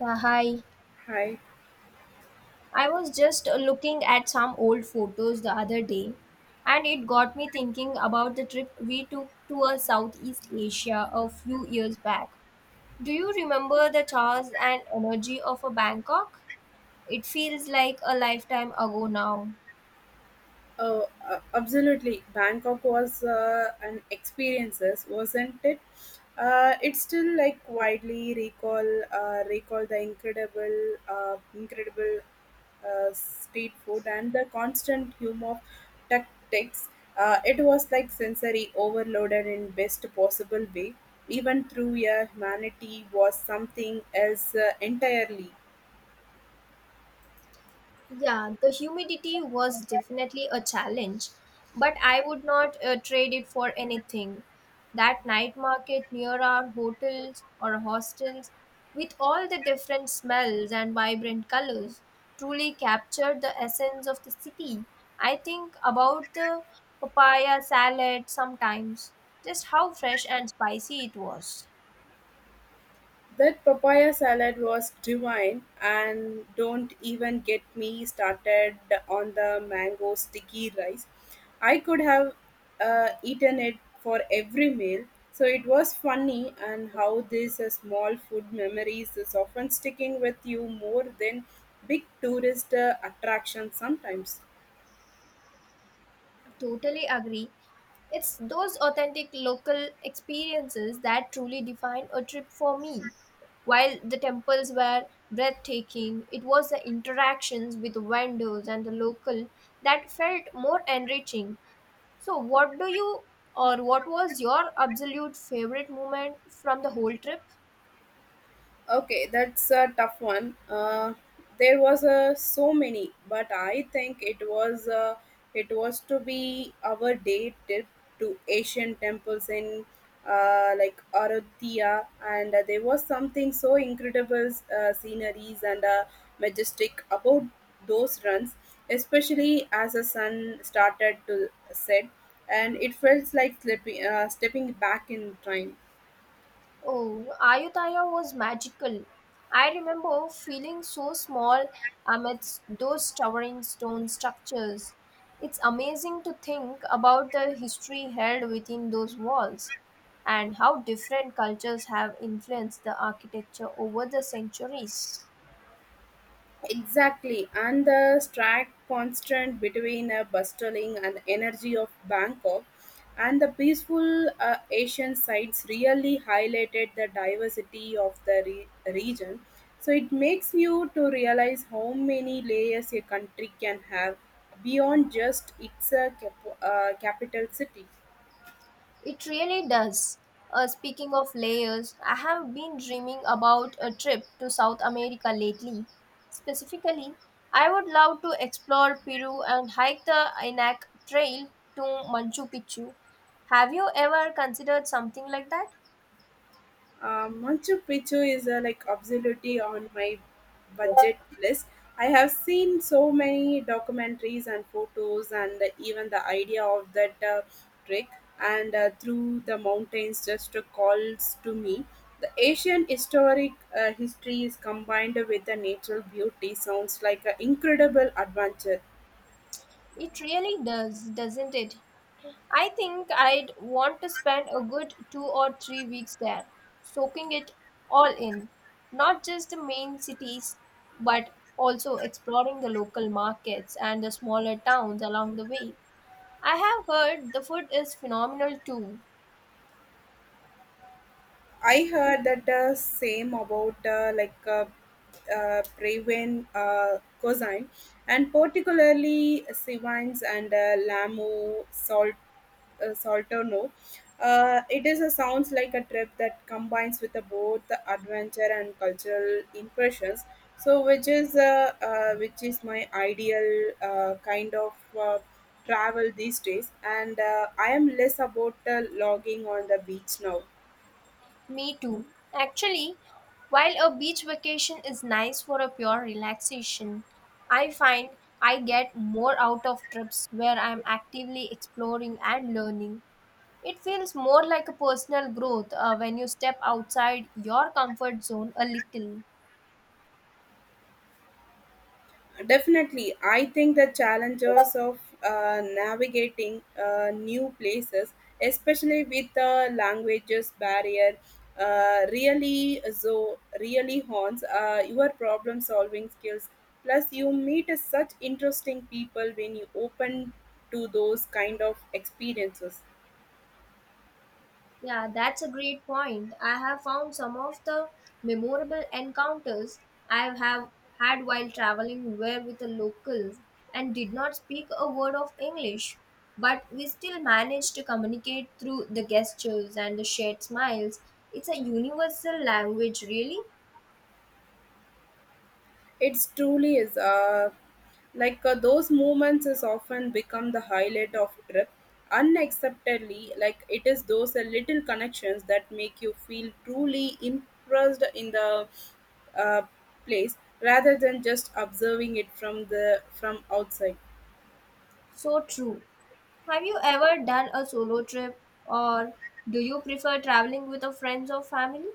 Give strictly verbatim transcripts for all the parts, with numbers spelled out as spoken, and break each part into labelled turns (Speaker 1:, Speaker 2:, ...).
Speaker 1: Yeah, hi.
Speaker 2: Hi.
Speaker 1: I was just uh, looking at some old photos the other day, and it got me thinking about the trip we took to uh, Southeast Asia a few years back. Do you remember the charms and energy of a Bangkok? It feels like a lifetime ago now.
Speaker 2: Oh, uh, absolutely. Bangkok was uh, an experiences, wasn't it? Uh, it's still like widely recall uh, recall the incredible uh, incredible uh, street food and the constant humor of tactics. Uh, it was like sensory overloaded in best possible way. Even through your humanity was something else uh, entirely.
Speaker 1: Yeah, the humidity was definitely a challenge, but I would not uh, trade it for anything. That night market near our hotels or hostels, with all the different smells and vibrant colors, truly captured the essence of the city. I think about the papaya salad sometimes, just how fresh and spicy it was.
Speaker 2: That papaya salad was divine, and don't even get me started on the mango sticky rice. I could have uh, eaten it for every meal. So it was funny, and how these uh, small food memories is often sticking with you more than big tourist uh, attractions sometimes.
Speaker 1: Totally agree. It's those authentic local experiences that truly define a trip for me. While the temples were breathtaking, it was the interactions with vendors and the local that felt more enriching. So, what do you or what was your absolute favorite moment from the whole trip?
Speaker 2: Okay, that's a tough one. Uh, there was uh, so many, but I think it was uh, it was to be our day trip to Asian temples in uh, like Ayodhya, and uh, there was something so incredible uh, sceneries and uh, majestic about those runs, especially as the sun started to set, and it felt like slipping, uh, stepping back in time.
Speaker 1: Oh, Ayutthaya was magical. I remember feeling so small amidst those towering stone structures. It's amazing to think about the history held within those walls and how different cultures have influenced the architecture over the centuries.
Speaker 2: Exactly, and the stark contrast between a bustling and energy of Bangkok and the peaceful uh, Asian sites really highlighted the diversity of the re- region. So it makes you to realize how many layers a country can have beyond just its uh, cap- uh, capital city.
Speaker 1: It really does. Uh, speaking of layers, I have been dreaming about a trip to South America lately. Specifically, I would love to explore Peru and hike the Inac Trail to Machu Picchu. Have you ever considered something like that?
Speaker 2: Uh, Machu Picchu is uh, like absolutely on my budget list. I have seen so many documentaries and photos, and even the idea of that uh, trek and uh, through the mountains just calls to me. The Asian historic uh, history is combined with the natural beauty. Sounds like an incredible adventure.
Speaker 1: It really does, doesn't it? I think I'd want to spend a good two or three weeks there, soaking it all in, not just the main cities, but also exploring the local markets and the smaller towns along the way. I have heard the food is phenomenal too.
Speaker 2: I heard that the same about uh, like uh, uh, Praven uh, cosine and particularly Sivines and uh, Lamu Salt uh, Salterno. Uh, it is a sounds like a trip that combines with the both the adventure and cultural impressions. So, which is uh, uh, which is my ideal uh, kind of uh, travel these days, and uh, I am less about uh, logging on the beach now.
Speaker 1: Me too. Actually, while a beach vacation is nice for a pure relaxation, I find I get more out of trips where I'm actively exploring and learning. It feels more like a personal growth uh, when you step outside your comfort zone a little.
Speaker 2: Definitely, I think the challenges of uh, navigating uh, new places, especially with the languages barrier, uh, really so really haunts uh, your problem solving skills. Plus, you meet such interesting people when you open to those kind of experiences.
Speaker 1: Yeah, that's a great point. I have found some of the memorable encounters I have had while traveling were with the locals and did not speak a word of English, but we still managed to communicate through the gestures and the shared smiles. It's a universal language, really.
Speaker 2: It's truly is. Uh, like uh, those moments is often become the highlight of trip. Unacceptably, like it is those uh, little connections that make you feel truly impressed in the uh, place rather than just observing it from the from outside.
Speaker 1: So true. Have you ever done a solo trip or do you prefer traveling with a friends or family?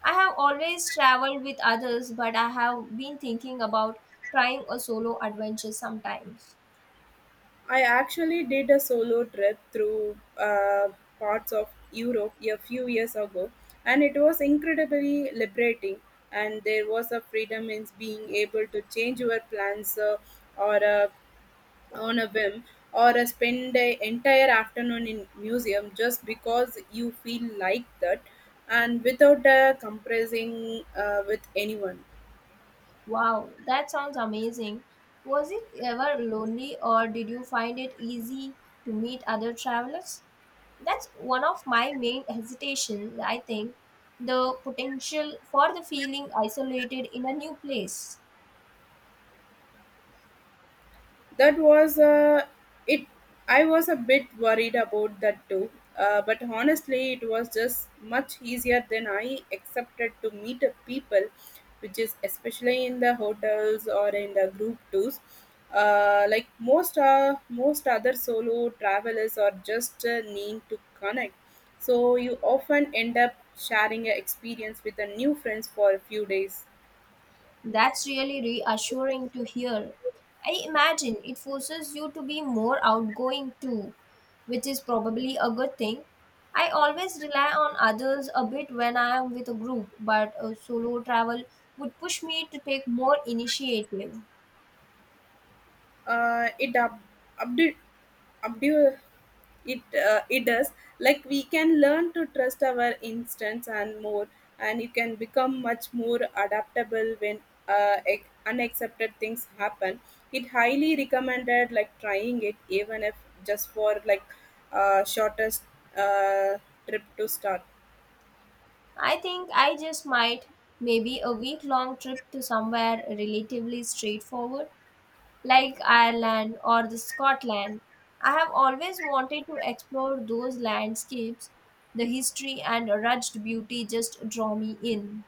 Speaker 1: I have always traveled with others, but I have been thinking about trying a solo adventure sometimes.
Speaker 2: I actually did a solo trip through uh, parts of Europe a few years ago, and it was incredibly liberating. And there was a freedom in being able to change your plans uh, or uh, on a whim, or uh, spend the entire afternoon in museum just because you feel like that, and without uh, compressing uh, with anyone.
Speaker 1: Wow, that sounds amazing. Was it ever lonely or did you find it easy to meet other travelers? That's one of my main hesitations, I think, the potential for the feeling isolated in a new place.
Speaker 2: That was uh, it. I was a bit worried about that too, uh, but honestly, it was just much easier than I accepted to meet up people, which is especially in the hotels or in the group tours. Uh, like most uh, most other solo travelers are just uh, need to connect, so you often end up sharing your experience with a new friends for a few days.
Speaker 1: That's really reassuring to hear. I imagine it forces you to be more outgoing too, which is probably a good thing. I always rely on others a bit when I am with a group, but a solo travel would push me to take more initiative.
Speaker 2: Uh, it up, update, update. It uh, It does like we can learn to trust our instincts and more and you can become much more adaptable when uh, ex- unaccepted things happen. It highly recommended like trying it even if just for like uh, shortest uh, trip to start.
Speaker 1: I think I just might maybe a week long trip to somewhere relatively straightforward. Like Ireland or the Scotland. I have always wanted to explore those landscapes. The history and rugged beauty just draw me in.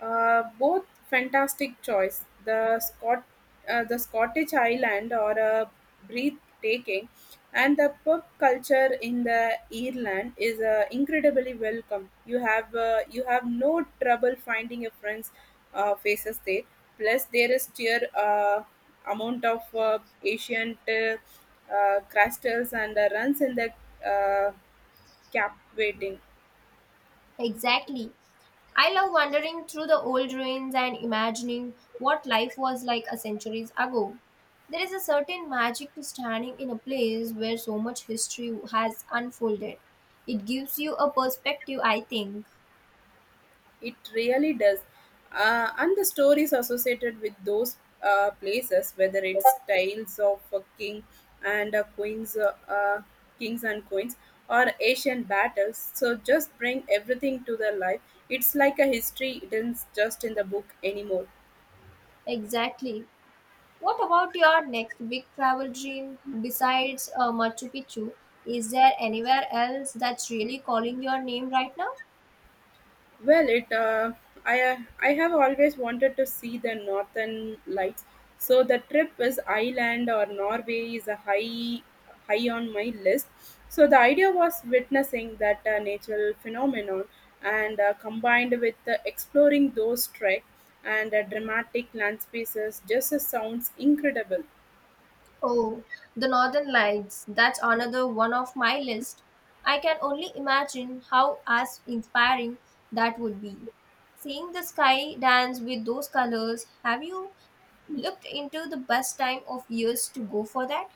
Speaker 2: Uh, both fantastic choice. The Scot, uh, the Scottish Highland are a breathtaking, and the pub culture in the Ireland is uh, incredibly welcome. You have uh, you have no trouble finding your friends' uh, faces there. Plus, there is sheer uh, amount of uh, ancient uh, uh, crystals and uh, runs in the uh, cap.
Speaker 1: Exactly. I love wandering through the old ruins and imagining what life was like a centuries ago. There is a certain magic to standing in a place where so much history has unfolded. It gives you a perspective, I think.
Speaker 2: It really does. Uh, and the stories associated with those uh, places, whether it's tales of a king and a queens, uh, uh, kings and queens, or Asian battles, so just bring everything to the life. It's like a history, it isn't just in the book anymore.
Speaker 1: Exactly. What about your next big travel dream besides uh, Machu Picchu? Is there anywhere else that's really calling your name right now?
Speaker 2: Well, it uh, I uh, I have always wanted to see the northern lights. So the trip is Iceland or Norway is a high high on my list. So the idea was witnessing that uh, natural phenomenon and uh, combined with uh, exploring those trek and uh, dramatic landscapes just uh, sounds incredible.
Speaker 1: Oh, the Northern Lights. That's another one of my list. I can only imagine how as inspiring that would be. Seeing the sky dance with those colors, have you looked into the best time of years to go for that?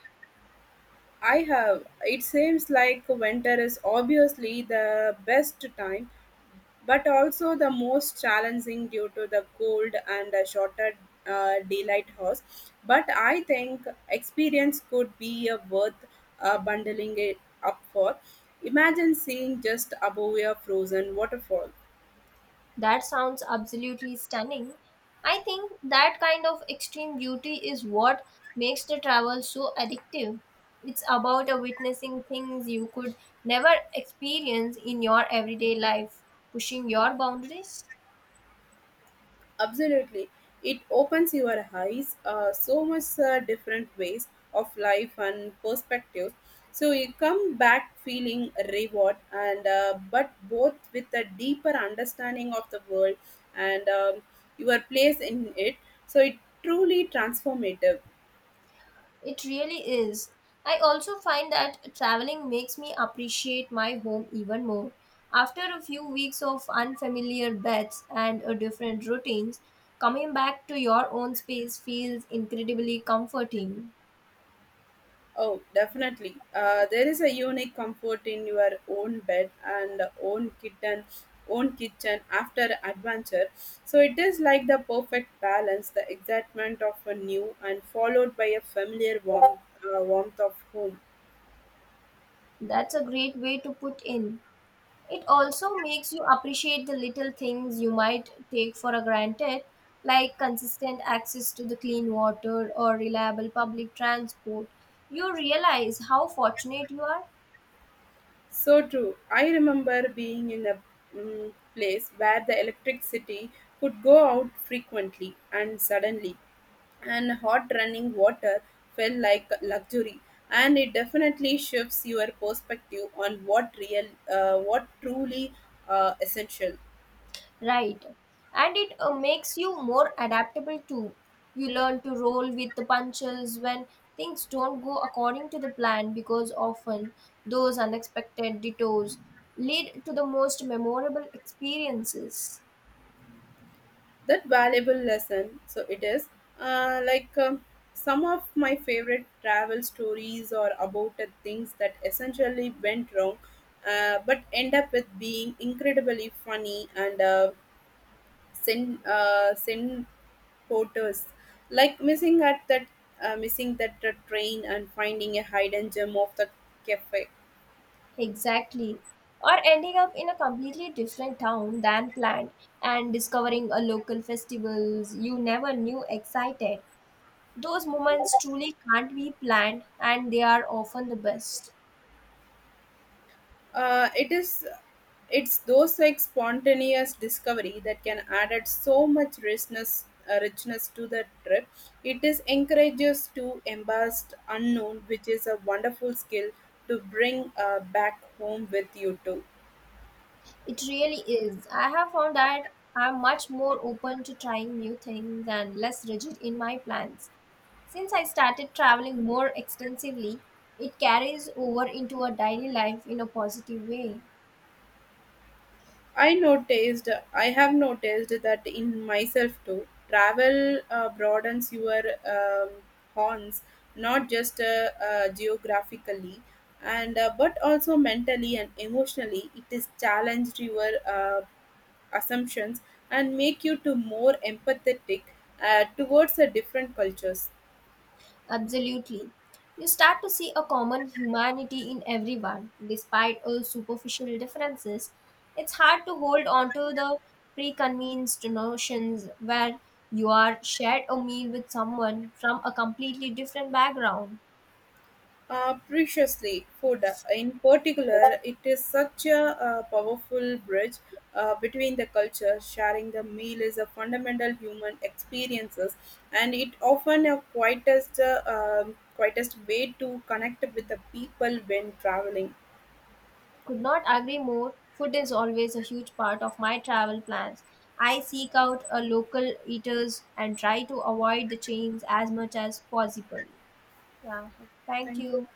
Speaker 2: I have it seems like winter is obviously the best time but also the most challenging due to the cold and a shorter uh, daylight hours. But I think experience could be a worth uh, bundling it up for. Imagine seeing just above a frozen waterfall.
Speaker 1: That sounds absolutely stunning. I think that kind of extreme beauty is what makes the travel so addictive. It's about uh, witnessing things you could never experience in your everyday life, pushing your boundaries.
Speaker 2: Absolutely. It opens your eyes uh, so much uh, different ways of life and perspectives. So you come back feeling reward and uh, but both with a deeper understanding of the world and um, your place in it. So it truly transformative.
Speaker 1: It really is. I also find that traveling makes me appreciate my home even more. After a few weeks of unfamiliar beds and uh, different routines, coming back to your own space feels incredibly comforting.
Speaker 2: Oh, definitely. Uh, there is a unique comfort in your own bed and own kitchen, own kitchen after adventure. So it is like the perfect balance, the excitement of a new and followed by a familiar warmth, uh, warmth of home.
Speaker 1: That's a great way to put in. It also makes you appreciate the little things you might take for granted, like consistent access to the clean water or reliable public transport. You realize how fortunate you are.
Speaker 2: So true. I remember being in a mm, place where the electricity could go out frequently and suddenly, and hot running water felt like luxury. And it definitely shifts your perspective on what real, uh, what truly uh, essential.
Speaker 1: Right. And it uh, makes you more adaptable too. You learn to roll with the punches when things don't go according to the plan because often those unexpected detours lead to the most memorable experiences.
Speaker 2: That valuable lesson so it is uh, like um, some of my favorite travel stories are about the things that essentially went wrong uh, but end up with being incredibly funny and uh, sin uh, sin porters like missing at that uh, missing that uh, train and finding a hidden gem of the cafe.
Speaker 1: Exactly. Or ending up in a completely different town than planned and discovering a local festivals you never knew excited. Those moments truly can't be planned and they are often the best.
Speaker 2: uh, it is it's those like spontaneous discovery that can add so much richness uh, richness to the trip. It is encourages to embrace unknown which is a wonderful skill to bring uh, back home with you too.
Speaker 1: It really is. I have found that I'm much more open to trying new things and less rigid in my plans. Since I started traveling more extensively, it carries over into a daily life in a positive way.
Speaker 2: I noticed, I have noticed that in myself too. Travel uh, broadens your um, horns, not just uh, uh, geographically, and uh, but also mentally and emotionally. It is challenged your uh, assumptions and make you to more empathetic uh, towards the different cultures.
Speaker 1: Absolutely. You start to see a common humanity in everyone, despite all superficial differences. It's hard to hold on to the preconceived notions where you are shared a meal with someone from a completely different background.
Speaker 2: Uh, preciously, food. uh, In particular, it is such a uh, powerful bridge uh, between the cultures. Sharing the meal is a fundamental human experiences, and it often a quietest uh, um, quietest way to connect with the people when traveling.
Speaker 1: Could not agree more. Food is always a huge part of my travel plans. I seek out a local eaters and try to avoid the chains as much as possible. Yeah, thank
Speaker 2: Thank you.
Speaker 1: you.